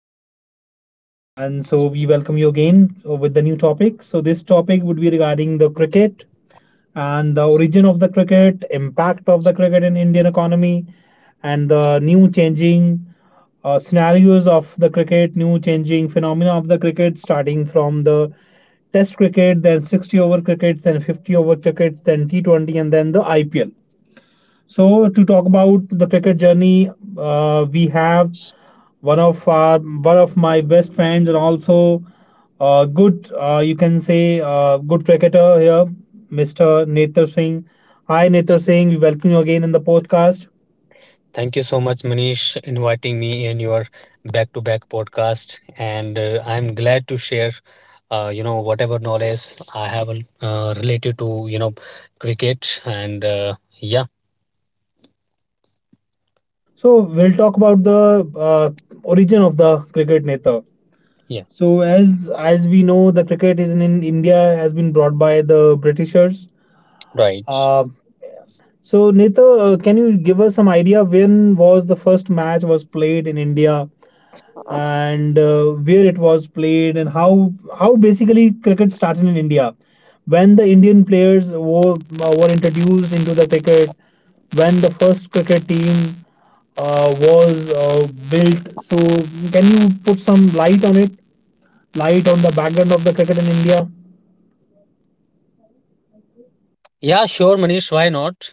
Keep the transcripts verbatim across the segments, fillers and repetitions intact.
host, and so we welcome you again uh, with the new topic. So this topic would be regarding the cricket and the origin of the cricket, impact of the cricket in Indian economy, and the new changing uh, scenarios of the cricket, new changing phenomena of the cricket, starting from the Test cricket, then sixty over crickets, then fifty over crickets, then T twenty, and then the I P L. So to talk about the cricket journey, uh, we have one of our one of my best friends and also uh, good uh, you can say uh, good cricketer here, Mister Nether Singh. Hi Nether Singh, we welcome you again in the podcast. Thank you so much, Manish, inviting me in your back-to-back podcast, and uh, I'm glad to share, uh, you know, whatever knowledge I have uh, related to, you know, cricket. And uh, yeah, So we'll talk about the uh, origin of the cricket, Nether. yeah, So as as we know, the cricket is in, in India has been brought by the Britishers. right. Uh, So, Nita, uh, can you give us some idea when was the first match was played in India and uh, where it was played and how how basically cricket started in India? When the Indian players were, uh, were introduced into the cricket, when the first cricket team uh, was uh, built. So, can you put some light on it? Light on the background of the cricket in India? Yeah, sure, Manish. Why not?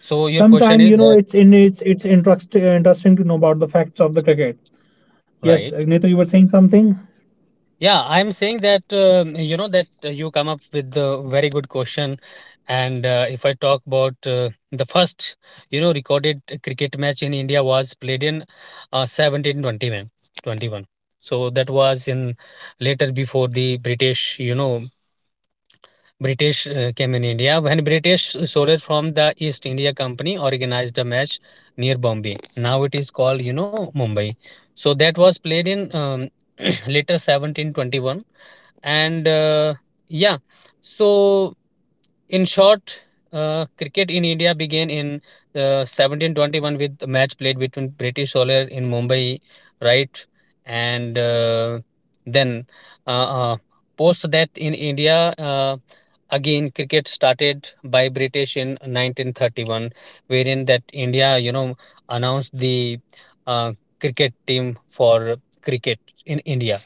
So your question Sometime, is you know, that, it's in it's it's interest, interesting to know about the facts of the cricket. Yes, uh, right? Netar, you were saying something. Yeah, I'm saying that um, you know that uh, you come up with the very good question, and uh, if I talk about uh, the first, you know, recorded cricket match in India was played in uh, seventeen twenty-one. twenty-one. Twenty-one. So that was in later before the British, you know, British uh, came in India when British soldiers from the East India Company organized a match near Bombay. Now it is called, you know, Mumbai. So that was played in um, later seventeen twenty-one. And uh, yeah, so in short, uh, cricket in India began in uh, seventeen twenty-one, with a match played between British solar in Mumbai, right. And uh, then uh, uh, post that, in India, uh, again cricket started by British in nineteen thirty-one, wherein that India, you know announced the uh, cricket team for cricket in India.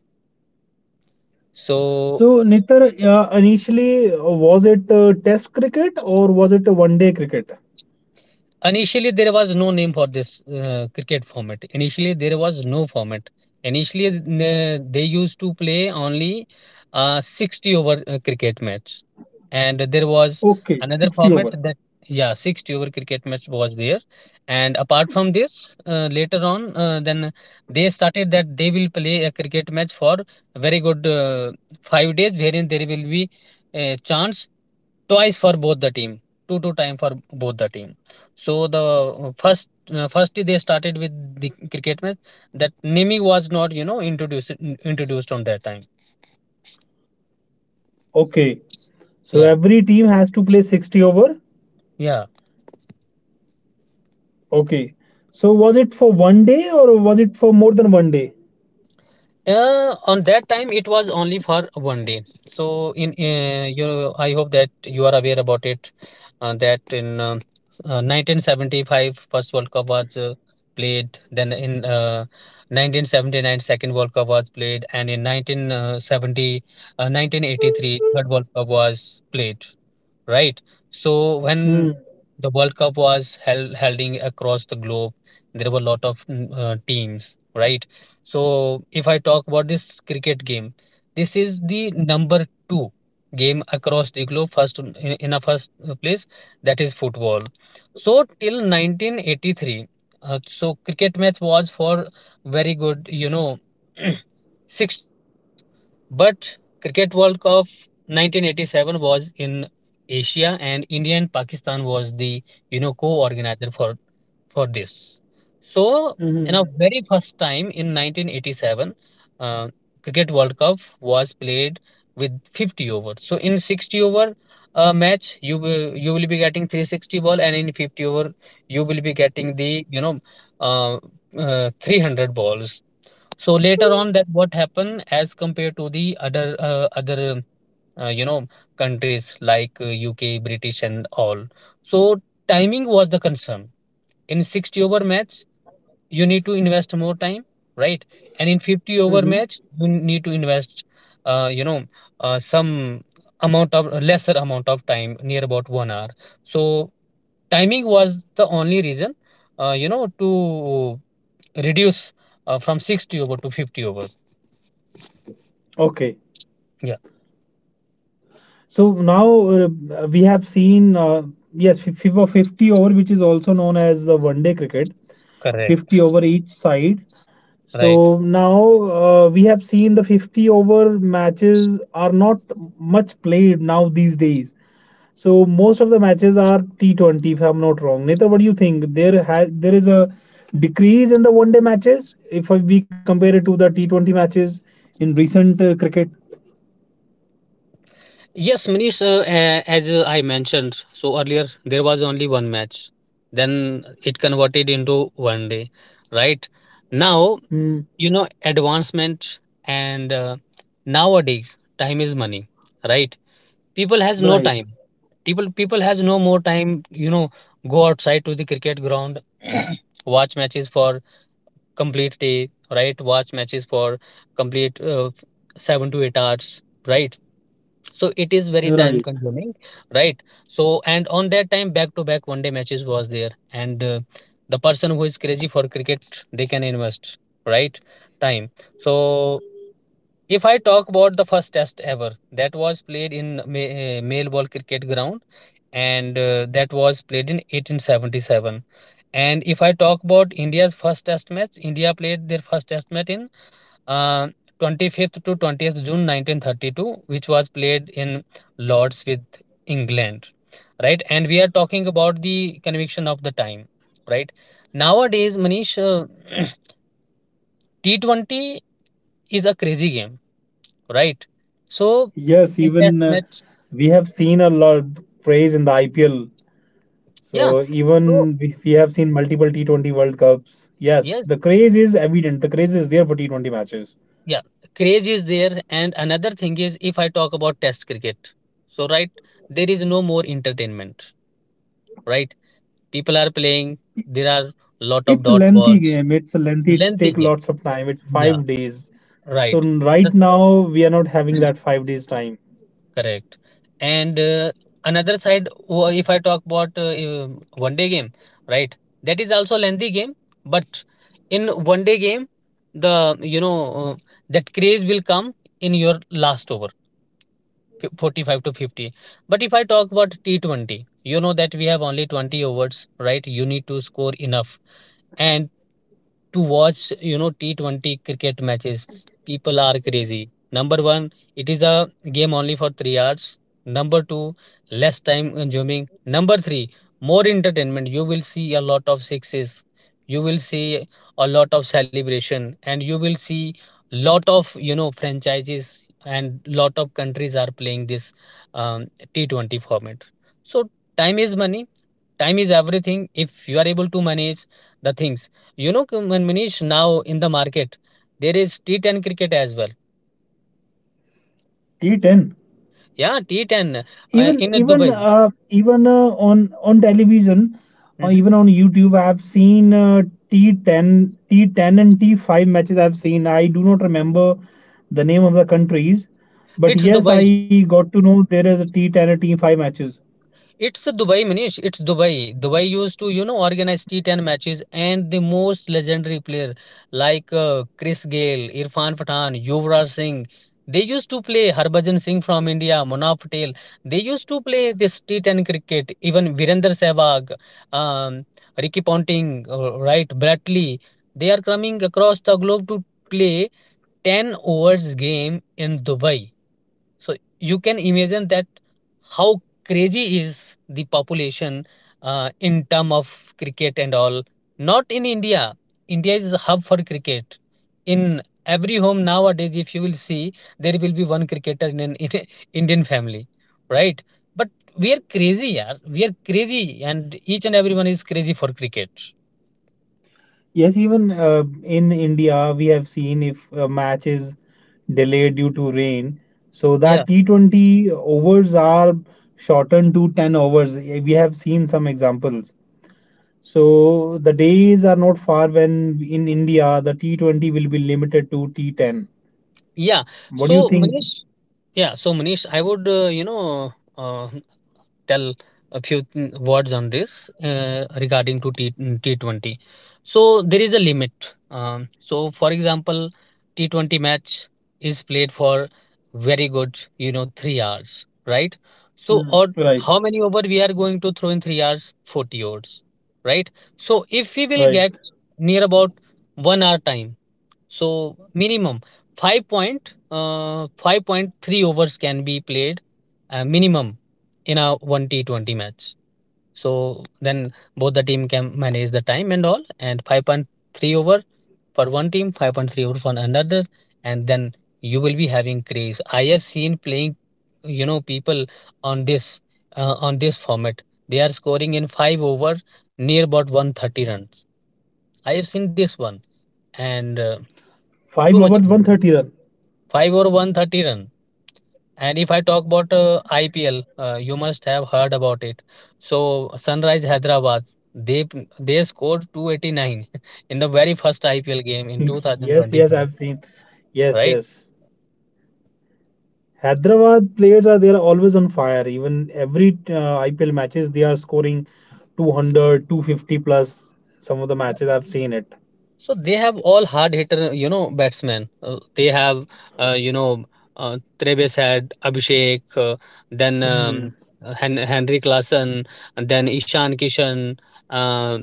So, So, Netar, uh, initially, uh, was it uh, test cricket or was it a one day cricket? initially, there was no name for this uh, cricket format. Initially, there was no format. Initially, n- they used to play only uh, sixty over uh, cricket match. And there was Okay, another sixty format over. that, yeah, sixty over cricket match was there. And apart from this, uh, later on, uh, then they started that they will play a cricket match for very good uh, five days, wherein there will be a chance twice for both the team, two two time for both the team. So the uh, first uh, firstly they started with the cricket match. That naming was not, you know introduced introduced on that time. Okay. So, Yeah, every team has to play sixty over. yeah. Okay. So, was it for one day or was it for more than one day? Uh, on that time, it was only for one day. So, in uh, you, I hope that you are aware about it. Uh, that in uh, uh, nineteen seventy-five, World Cup was uh, played. Then in uh, nineteen seventy-nine, second World Cup was played, and in nineteen seventy, uh, nineteen eighty-three, World Cup was played, right? So when Hmm. the World Cup was held holding across the globe, there were a lot of mm, uh, teams, right? So if I talk about this cricket game, this is the number two game across the globe. First in, in a first place, that is football. So till nineteen eighty-three, uh, so cricket match was for very good, you know, sixty overs, but Cricket World Cup nineteen eighty-seven was in Asia. And India and Pakistan was the, you know co-organizer for for this. So in our Mhm, very first time in nineteen eighty-seven, uh, Cricket World Cup was played with fifty overs. So in sixty over uh, match, you will you will be getting three hundred sixty ball, and in fifty over you will be getting the you know uh, uh, three hundred balls. So later on, that what happened as compared to the other uh, other uh, you know countries like uh, U K, British, and all. So timing was the concern. In sixty over match, you need to invest more time, right? And in fifty over mhm. match, you need to invest, uh, you know, uh, some amount of lesser amount of time, near about one hour. So timing was the only reason, uh, you know, to reduce uh, from sixty over to fifty over. Okay. Yeah, So now uh, we have seen, uh, yes, fi- FIFA fifty over, which is also known as the one day cricket. correct, fifty over each side. right. So now uh, we have seen the fifty over matches are not much played now these days. So most of the matches are T twenty if I'm not wrong. Neither, what do you think? There has there is a decrease in the one day matches if we compare it to the T twenty matches in recent uh, cricket. Yes, Manish, uh, a- as uh, I mentioned so earlier, there was only one match. Then it converted into one day, right? Now, Hmm, you know, advancement, and uh, nowadays time is money, right? People has no right, time. People people has no more time, you know, go outside to the cricket ground, watch matches for complete day, right? Watch matches for complete uh, seven to eight hours, right? So it is very time right. consuming, right. So, and on that time, back to back one day matches was there, and uh, the person who is crazy for cricket, they can invest, right, time. So if I talk about the first test ever, that was played in ma- uh, male ball cricket ground, and uh, that was played in eighteen seventy-seven. And if I talk about India's first test match, India played their first test match in uh, twenty-fifth to twentieth June nineteen thirty-two, which was played in Lords with England, right? And we are talking about the conviction of the time, right? Nowadays, Manish, uh, T twenty is a crazy game, right? So, Yes, in test even uh, match, we have seen a lot of praise in the I P L. yeah. So So, even we we have seen multiple T twenty World Cups. Yes, the yes, craze is evident. The craze is there for T twenty matches. yeah, craze is there. And another thing is, if I talk about test cricket, so right, there is no more entertainment, right? People are playing, there are lot of It's a dot lengthy balls, game. It's a lengthy. It's lengthy take game, lots of time. It's yeah, five days. So right. right now we are not having That's that five days time. correct. And uh, another side, wh- if I talk about uh, um, one day game, right, that is also lengthy game. But in one day game, the, you know uh, that craze will come in your last over, fif- forty-five to fifty. But if I talk about T twenty, you know that we have only twenty overs, right, you need to score enough, and to watch, you know, T twenty cricket matches. People are crazy. Number one, it is a game only for three hours. Number two, less time consuming. Number three, more entertainment. You will see a lot of sixes. You will see a lot of celebration, and you will see lot of you know franchises, and lot of countries are playing this um, T twenty format. So time is money, time is everything, if you are able to manage the things, you know. K- Manish, now in the market, there is T ten cricket as well. T ten. Yeah, T ten, uh, Even in even Dubai. uh, even uh, On on television or Mhm. even on YouTube, I've seen uh, T ten, T ten and T five matches. I've seen. I do not remember the name of the countries, but It's yes, Dubai. I got to know there is a T ten and T five matches. It's Dubai, Manish. It's Dubai. Dubai used to, you know, organize T ten matches, and the most legendary player, like uh, Chris Gayle, Irfan Pathan, Yuvraj Singh. They used to play Harbhajan Singh from India, Munaf Patel. They used to play this T ten cricket. Even Virender Sehwag, um, Ricky Ponting, uh, right, Bradley. They are coming across the globe to play ten overs game in Dubai. So you can imagine that how crazy is the population uh, in term of cricket and all. Not in India. India is a hub for cricket. In every home nowadays, if you will see, there will be one cricketer in an in a Indian family, right? But we are crazy, yeah. We are crazy, and each and everyone is crazy for cricket. Yes, even uh, in India, we have seen if a match is delayed due to rain, so Yeah, that T twenty overs are shortened to ten overs. We have seen some examples. So the days are not far when in India the T twenty will be limited to T ten. yeah. What do you So, think? Manish, yeah. So, Manish, I would uh, you know uh, tell a few mm, words on this uh, regarding to T T20. So there is a limit. Um, so for example, T twenty match is played for very good, you know, three hours, right? So, Hmm. or Right, how many over we are going to throw in three hours? forty overs, right? So if we will right. get near about one hour time, so minimum five point uh, five point three overs can be played, uh, minimum, in a one T twenty match. So then both the team can manage the time and all, and five point three over for one team, five point three over for another, and then you will be having craze. I have seen playing, you know, people on this uh, on this format. They are scoring in five over near about one thirty runs. I have seen this one. And uh, Five overs, too much. one hundred thirty run. Five or one thirty run. And if I talk about uh, I P L, uh, you must have heard about it. So Sunrise Hyderabad, they they scored two eighty-nine in the very first I P L game in Yes, yes, two thousand twenty-five, I've seen. Yes, right? yes. Hyderabad players are they are always on fire. Even every uh, I P L matches they are scoring two hundred, two fifty plus. Some of the matches I've seen it. So they have all hard hitter, you know, batsmen. Uh, they have, uh, you know, uh, Treves had Abhishek, uh, then Hmm. um, Hen- Henrik Larsson, and then Ishan Kishan. uh,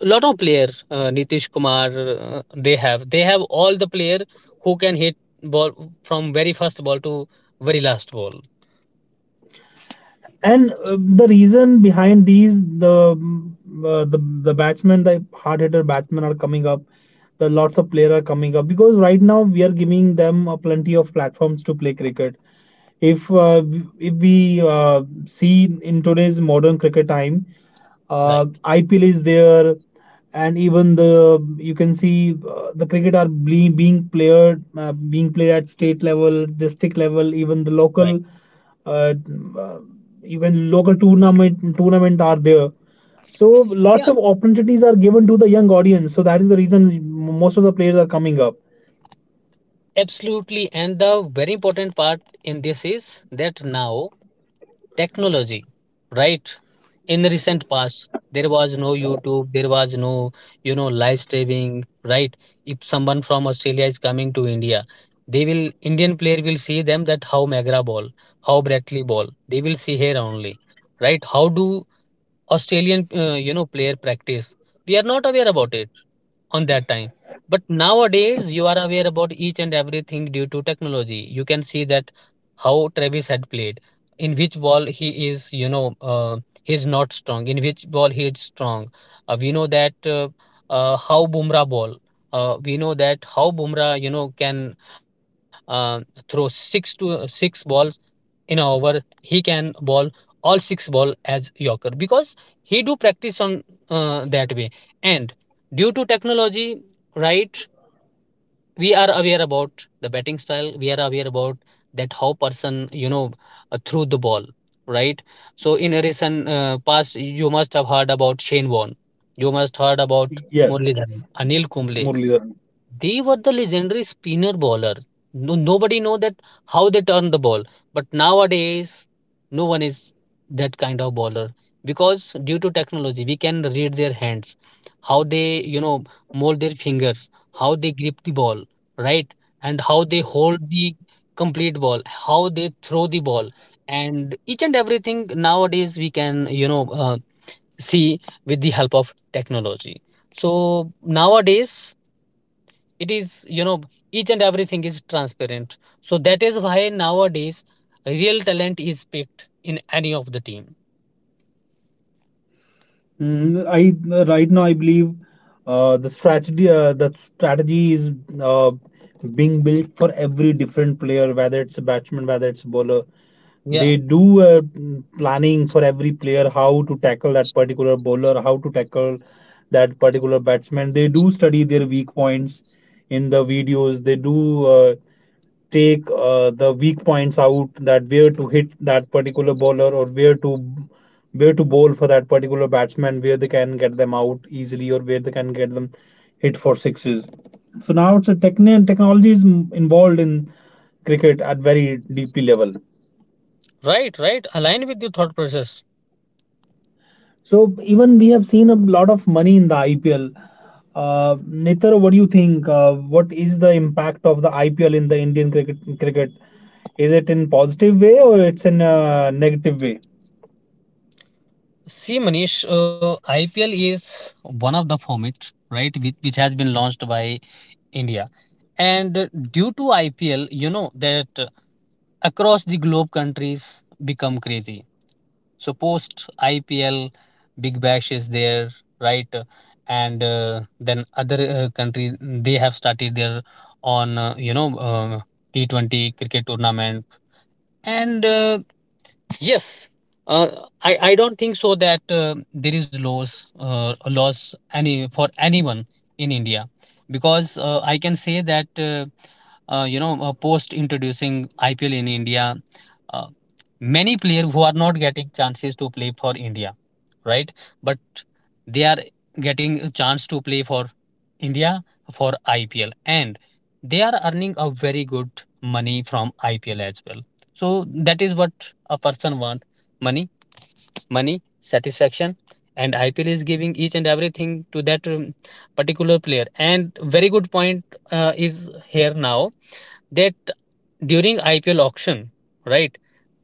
Lot of player, uh, nitish kumar. uh, they have they have all the player who can hit ball from very first ball to very last ball. And uh, the reason behind these the mm, uh, the the batsmen the hard hitter batsmen are coming up, the lots of players are coming up because right now we are giving them a plenty of platforms to play cricket. if uh, if we uh, see in today's modern cricket time, Right. uh, I P L is there, and even the you can see uh, the cricket are ble- being played uh, being played at state level, district level, even the Right. local uh, uh, even local tournament tournament are there. So lots Yeah, of opportunities are given to the young audience, so that is the reason most of the players are coming up. absolutely. And the very important part in this is that now technology, right? In the recent past, there was no YouTube, there was no, you know live streaming, right? If someone from Australia is coming to India, they will, Indian player will see them, that how magra ball, how bratley ball, they will see here only, right? How do Australian uh, you know player practice? We are not aware about it on that time. But nowadays you are aware about each and everything due to technology. You can see that how travis had played, in which ball he is, you know uh, he's not strong, in which ball he is strong. Uh, we know that uh, uh, how bumrah ball. Uh, we know that how bumrah you know can uh, throw six to uh, six balls in a over. He can bowl all six ball as yorker because he do practice on uh, that way. And due to technology, right, we are aware about the batting style, we are aware about that how person, you know uh, threw the ball, right? So in a recent uh, past, you must have heard about shane warne. You must heard about Yes, murli, anil kumble. murli. They were the legendary spinner bowler. No, nobody know that how they turn the ball. But nowadays, no one is that kind of bowler, because due to technology, we can read their hands, how they you know mold their fingers, how they grip the ball, right, and how they hold the complete ball, how they throw the ball, and each and everything nowadays we can, you know uh, see with the help of technology. So nowadays it is, you know each and everything is transparent, so that is why nowadays real talent is picked in any of the team. Mm, I right now I believe uh, the strategy uh, the strategy is uh, being built for every different player, whether it's a batsman, whether it's a bowler. Yeah. They do uh, mm, planning for every player how to tackle that particular bowler, how to tackle that particular batsman. They do study their weak points in the videos. They do. Uh, take uh, the weak points out that where to hit that particular bowler or where to where to bowl for that particular batsman where they can get them out easily or where they can get them hit for sixes. So now it's a technique technology is involved in cricket at very deeply level. Right. Right, aligned with your thought process. So even we have seen a lot of money in the I P L. Uh, Nitar, what do you think? Uh, what is the impact of the I P L in the Indian cricket? Cricket is it in positive way or it's in a negative way? See, manish, uh, ipl is one of the format, right, which, which has been launched by india. And uh, due to ipl, you know that uh, across the globe countries become crazy. So post I P L, Big Bash is there, right? And uh, then other uh, country they have started their on, uh, you know uh, T twenty cricket tournament. And uh, yes, uh, I I don't think so that uh, there is laws, uh, a laws any for anyone in India, because uh, I can say that, uh, uh, you know uh, post introducing I P L in India, uh, many players who are not getting chances to play for India, right? But they are getting a chance to play for India for I P L, and they are earning a very good money from I P L as well. So that is what a person want, money, money, satisfaction, and I P L is giving each and everything to that um, particular player. And very good point uh, is here now that during I P L auction, right,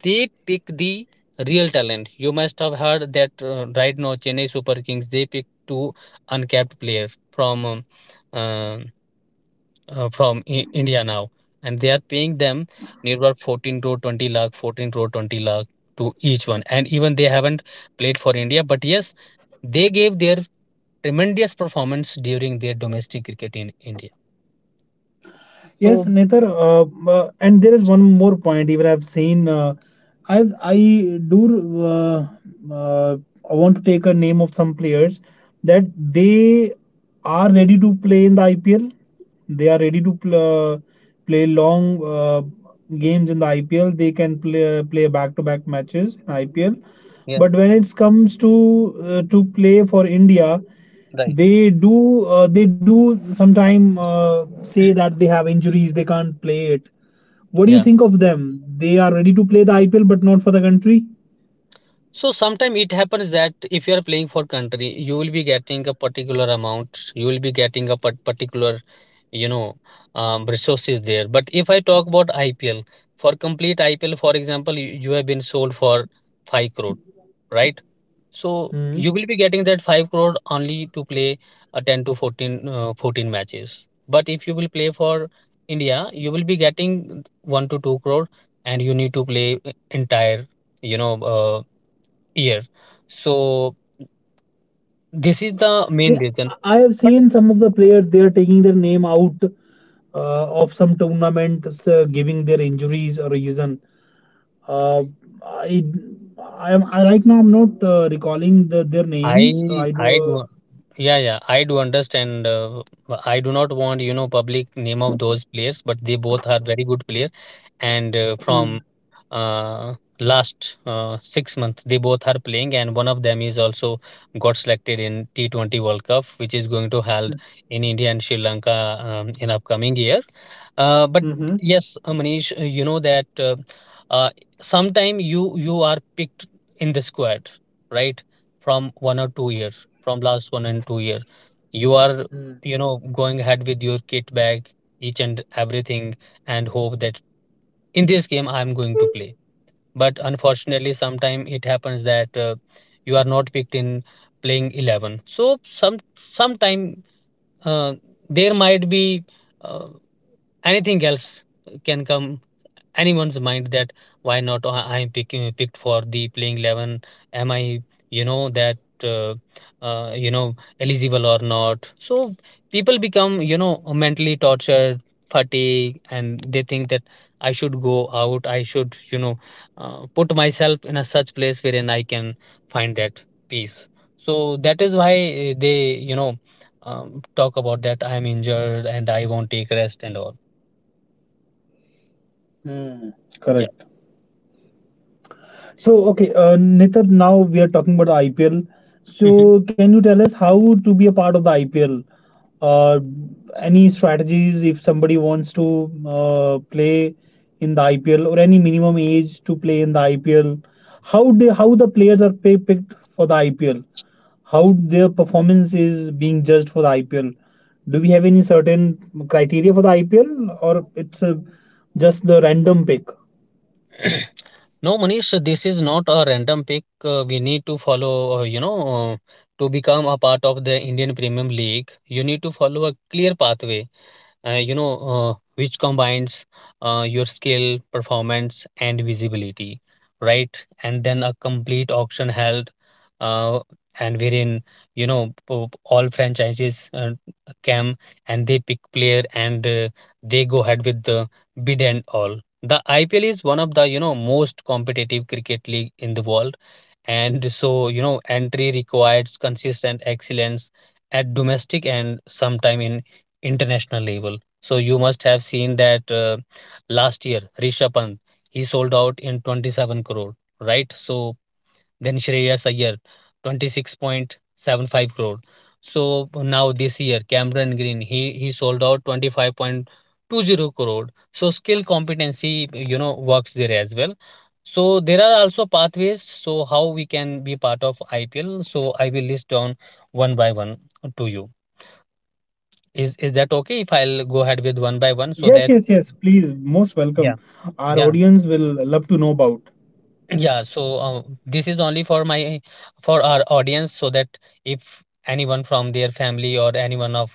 they pick the real talent. You must have heard that uh, right now Chennai Super Kings they pick two uncapped player from um, uh, uh, from I- India now, and they are paying them nearby fourteen to twenty lakh, fourteen to twenty lakh to each one. And even they haven't played for India, but yes, they gave their tremendous performance during their domestic cricket in India. So Yes, Netar, uh, uh, and there is one more point. Even I've seen, uh, I I do uh, uh, I want to take a name of some players that they are ready to play in the I P L. They are ready to pl- uh, play long uh, games in the I P L. They can play play back-to-back matches in I P L. yeah, But when it comes to uh, to play for India, right. they do uh, they do sometime uh, say that they have injuries, they can't play it. What do you Yeah. think of them? They are ready to play the I P L, but not for the country. So sometimes it happens that if you are playing for country, you will be getting a particular amount, you will be getting a par particular, you know, um, resources there. But if I talk about I P L, for complete I P L, for example, you, you have been sold for five crore, right? So Hmm. you will be getting that five crore only to play a ten to fourteen, uh, fourteen matches. But if you will play for India, you will be getting one to two crore, and you need to play entire, you know. Uh, year. So this is the main Yeah, reason. I have But seen some of the players they are taking their name out uh, of some tournaments, uh, giving their injuries a reason. Uh, I, I am I, right now I'm not uh, recalling the, their names. I I I do. do, yeah, yeah, I do understand. Uh, I do not want, you know public name of those players, but they both are very good player, and uh, Hmm. from uh, last uh, six months. They both are playing, and one of them is also got selected in T twenty World Cup, which is going to held in India and Sri Lanka um, in upcoming year. Uh, but Mm-hmm. yes, uh, Manish, uh, you know that uh, uh, sometime you you are picked in the squad, right? From one or two years, from last one and two year, you are, you know going ahead with your kit bag, each and everything, and hope that in this game I'm going to play. But unfortunately sometimes it happens that uh, you are not picked in playing eleven. So some sometime, uh, there might be uh, anything else, can come anyone's mind that why not I- I'm picking picked for the playing 11. Am i, you know that uh, uh, you know eligible or not? So people become, you know mentally tortured, fatigued, and they think that I should go out, I should, you know uh, put myself in a such place wherein I can find that peace. So that is why uh, they, you know um, talk about that I am injured and I won't take rest and all. Hmm. Hmm. Yeah. So, okay, uh, Nitar, now we are talking about I P L. So, can you tell us how to be a part of the I P L? Uh, any strategies if somebody wants to uh, play in the I P L or any minimum age to play in the I P L? How they how the players are pay, picked for the I P L? How their performance is being judged for the I P L? Do we have any certain criteria for the I P L or it's uh just the random pick? No, Manish, this is not a random pick. Uh, we need to follow, uh, you know, uh, to become a part of the Indian Premium League. You need to follow a clear pathway, uh, you know uh, which combines uh, your skill performance and visibility, right? And then a complete auction held, uh, and wherein, you know po- all franchises uh, come and they pick player, and uh, they go ahead with the bid and all. The IPL is one of the, you know most competitive cricket league in the world, and so, you know entry requires consistent excellence at domestic and sometime in international level. So you must have seen that uh, last year rishabh pant he sold out in twenty-seven crore, right? So then Shreyas Iyer, twenty-six point seven five crore. So now this year, Cameron Green, he, he sold out twenty-five point two zero crore. So skill competency, you know, works there as well. So there are also pathways, so how we can be part of I P L. So I will list down one by one to you. Is is that okay if I'll go ahead with one by one, so Yes, that, yes, yes. Please, most yeah, welcome. Our yeah. audience will love to know about. Yeah, so uh, this is only for my, for our audience, so that if anyone from their family or anyone of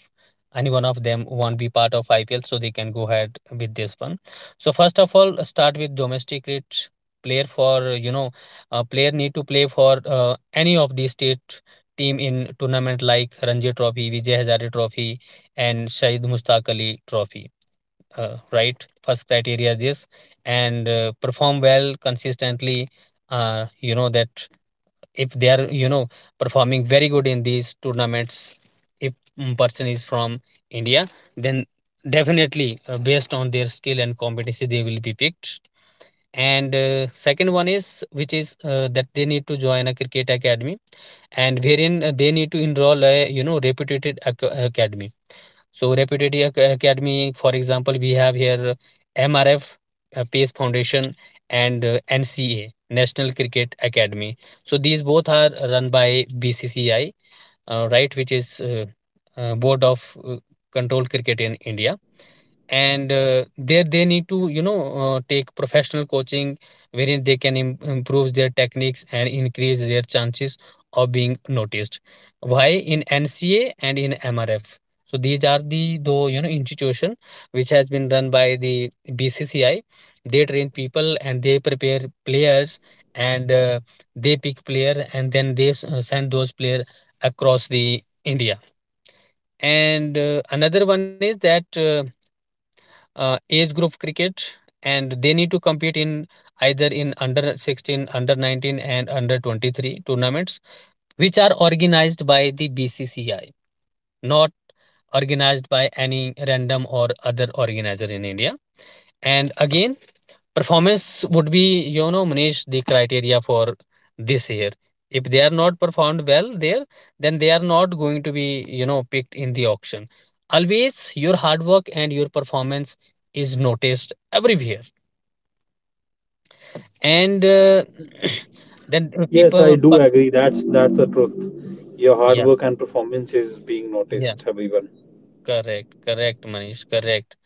anyone of them won't be part of I P L, so they can go ahead with this one. So first of all, start with domestic rate player. For, you know a player need to play for uh, any of the state team in tournament like Ranji Trophy, Vijay Hazare Trophy, and Shahid Mustaq Ali Trophy. Uh, right, first criteria is this. And uh, perform well consistently. uh, you know that if they are, you know performing very good in these tournaments, if mm, person is from india, then definitely uh, based on their skill and competency they will be picked. And uh, second one is, which is uh, that they need to join a cricket academy, and wherein uh, they need to enroll a, you know reputed ac- academy. So Reputed Ac- Academy, for example, we have here M R F, uh, PACE Foundation, and uh, N C A, National Cricket Academy. So these both are run by B C C I, uh, right, which is, uh, uh, Board of uh, Control Cricket in India. And uh, there they need to, you know uh, take professional coaching, wherein they can im- improve their techniques and increase their chances of being noticed, why in nca and in mrf. So these are the though, you know institution which has been run by the bcci. They train people and they prepare players, and uh, they pick player, and then they s- uh, send those player across the india. And uh, another one is that uh, uh, age group cricket, and they need to compete in either in under sixteen, under nineteen, and under twenty-three tournaments, which are organized by the bcci, not organized by any random or other organizer in india. And again, performance would be, you know, Manish, the criteria for this year. If they are not performed well there, then they are not going to be, you know, picked in the auction. Always your hard work and your performance is noticed everywhere. And uh, then Yes, I people, do per- agree. That's that's the truth. Your hard yeah, work and performance is being yeah, noticed, everyone. correct, correct, Manish, correct.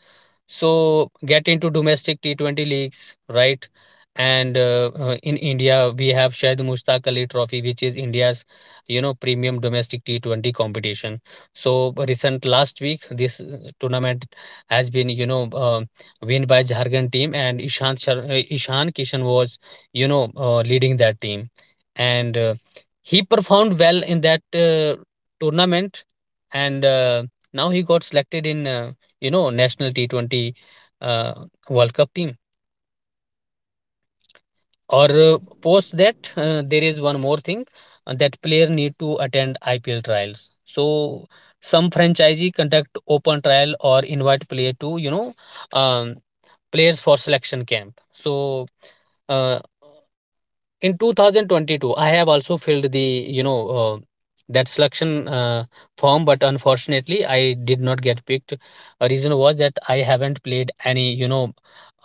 So get into domestic T twenty leagues, right? And uh, uh, in India, we have Shahid Mushtaq Ali Trophy, which is India's, you know, premium domestic T twenty competition. So recent last week, this uh, tournament has been, you know, uh, win by Jharkhand team, and Ishan Shar- uh, Ishan Kishan was, you know, uh, leading that team, and uh, he performed well in that uh, tournament, and uh, now he got selected in uh, you know national T twenty uh, World Cup team. Or uh, post that, uh, there is one more thing uh, that player need to attend I P L trials. So some franchisee conduct open trial or invite player to, you know um, players for selection camp. So uh, in two thousand twenty-two I have also filled the you know uh, that selection uh, form, but unfortunately I did not get picked. A reason was that I haven't played any you know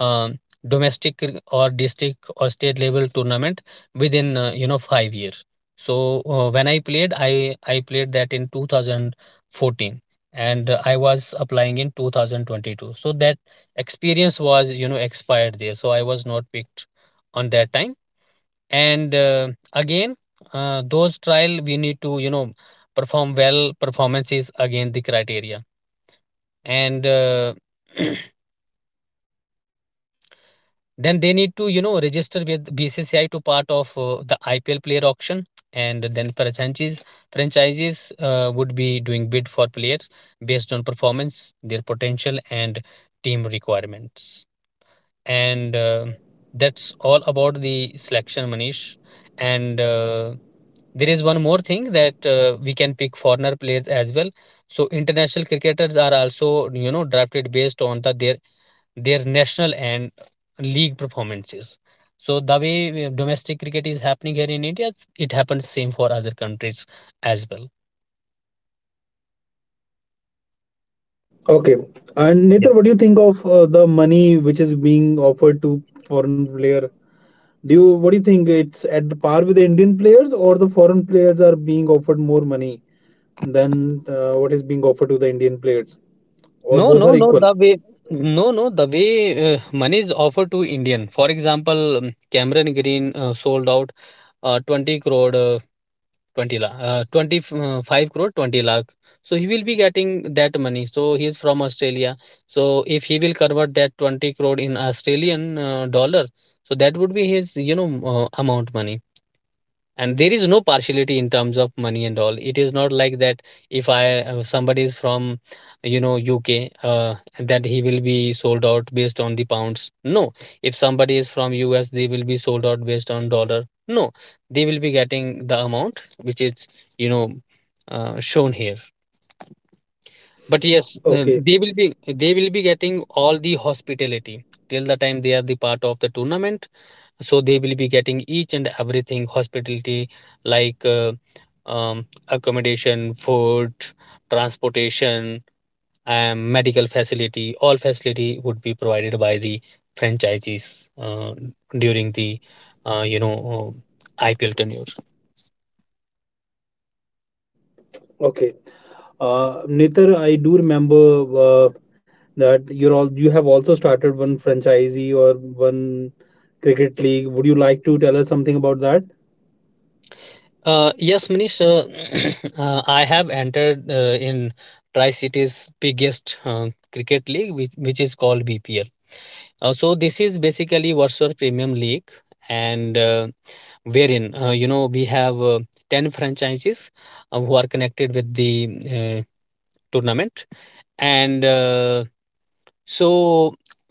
um, domestic or district or state level tournament within uh, you know five years. So uh, when I played, i i played that in two thousand fourteen, and uh, I was applying in twenty twenty-two, so that experience was, you know, expired there, so I was not picked on that time. And uh, again, uh, those trial we need to, you know, perform well. Performance is again the criteria. And uh, then they need to, you know, register with B C C I to part of uh, the I P L player auction. And then franchises franchises uh, would be doing bid for players based on performance, their potential and team requirements. And uh, that's all about the selection, Manish. And uh, there is one more thing that uh, we can pick foreigner players as well. So international cricketers are also, you know, drafted based on the their their national and league performances. So the way uh, domestic cricket is happening here in India, it happens same for other countries as well. Okay. And Netar, Yeah. what do you think of uh, the money which is being offered to foreign player? Do you what do you think it's at the par with the Indian players or the foreign players are being offered more money than uh, what is being offered to the Indian players or No, both no, are no. equal? The way, no, no. The way uh, money is offered to Indian. For example, um, Cameron Green uh, sold out uh, twenty crore uh, twenty lakh uh, twenty-five crore twenty lakh, so he will be getting that money. So he is from Australia. So if he will convert that twenty crore in Australian uh, dollar, so that would be his, you know, uh, amount money. And there is no partiality in terms of money and all, it is not like that. If I uh, somebody is from, you know, U K, uh, that he will be sold out based on the pounds, no. If somebody is from U S, they will be sold out based on dollar, no. They will be getting the amount which is, you know, uh, shown here. But yes, uh, Okay. they will be they will be getting all the hospitality till the time they are the part of the tournament. So they will be getting each and everything, hospitality like uh, um, accommodation, food, transportation and medical facility. All facility would be provided by the franchisees uh, during the uh, you know uh, I P L tenure. Okay. Uh, Nitar, I do remember uh, that you're all you have also started one franchisee or one cricket league. Would you like to tell us something about that? Uh, yes, Manish. uh, uh, I have entered uh, in Tri-City's biggest uh, cricket league which, which is called B P L. Uh, so this is basically Warsaw Premium League. And uh, wherein uh, you know we have uh, ten franchises uh, who are connected with the uh, tournament. And uh, so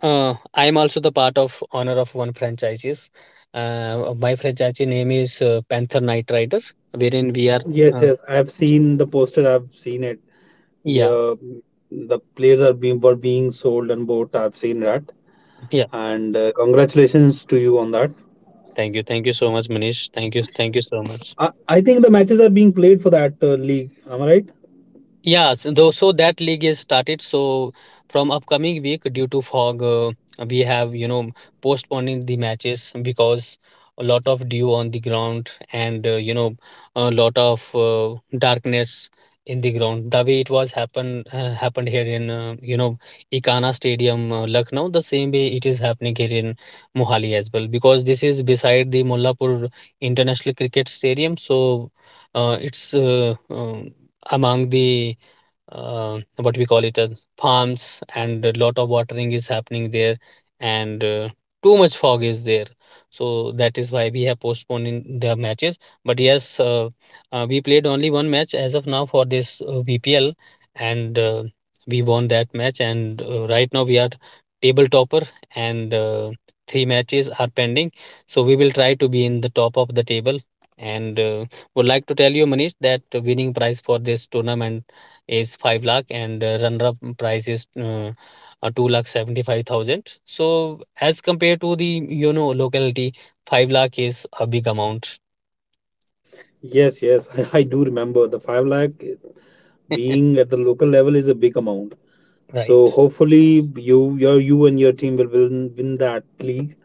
uh, I am also the part of honor of one franchises. Uh, my franchise name is uh, Panther Knight Rider, wherein we are Yes, uh, yes. I've seen the poster. I've seen it. We, yeah. uh, the players are being were being sold and bought. I've seen that. Yeah, And uh, congratulations to you on that. thank you, thank you so much, Manish, thank you, thank you so much. I, I think the matches are being played for that uh, league. Am I right? Yes, though so that league is started. So from upcoming week, due to fog, uh, we have, you know, postponing the matches because a lot of dew on the ground, and uh, you know a lot of uh, darkness in the ground. The way it was happen uh, happened here in uh, you know Ikana Stadium, uh, Lucknow. The same way it is happening here in Mohali as well, because this is beside the Mullapur International Cricket Stadium. So uh, it's uh, um, among the uh, what we call it uh, farms, and a lot of watering is happening there. And uh, too much fog is there. So that is why we have postponed in the matches. But yes, uh, uh, we played only one match as of now for this uh, B P L. And uh, we won that match. And uh, right now we are table topper. And uh, three matches are pending, so we will try to be in the top of the table. And uh, would like to tell you, Manish, that winning prize for this tournament is five lakh. And uh, runner up price is uh, uh, two lakh seventy-five thousand. So as compared to the, you know, locality, five lakh is a big amount. Yes, yes. I do remember the five lakh being at the local level is a big amount. So Right. hopefully you your you and your team will win, win that league.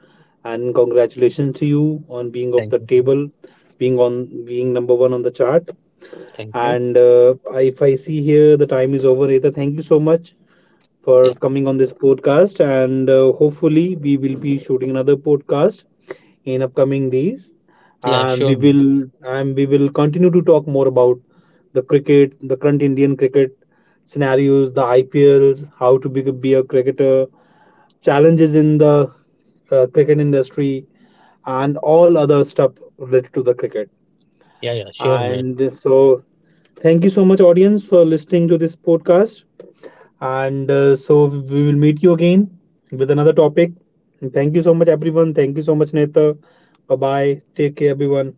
And congratulations to you on being off Thank the you. table, being on being number one on the chart. Thank you. And uh, if I see here the time is over. Either thank you so much Yeah. for coming on this podcast. And uh, hopefully, we will be shooting another podcast in upcoming days. Yeah, Um, sure, we Munir. will and we will continue to talk more about the cricket, the current Indian cricket scenarios, the I P Ls, how to be, be a cricketer, challenges in the uh, cricket industry, and all other stuff related to the cricket. Yeah, yeah, sure, Munir. And so, thank you so much, audience, for listening to this podcast. And uh, so we will meet you again with another topic. And thank you so much, everyone. Thank you so much, Neta. Bye bye. Take care, everyone.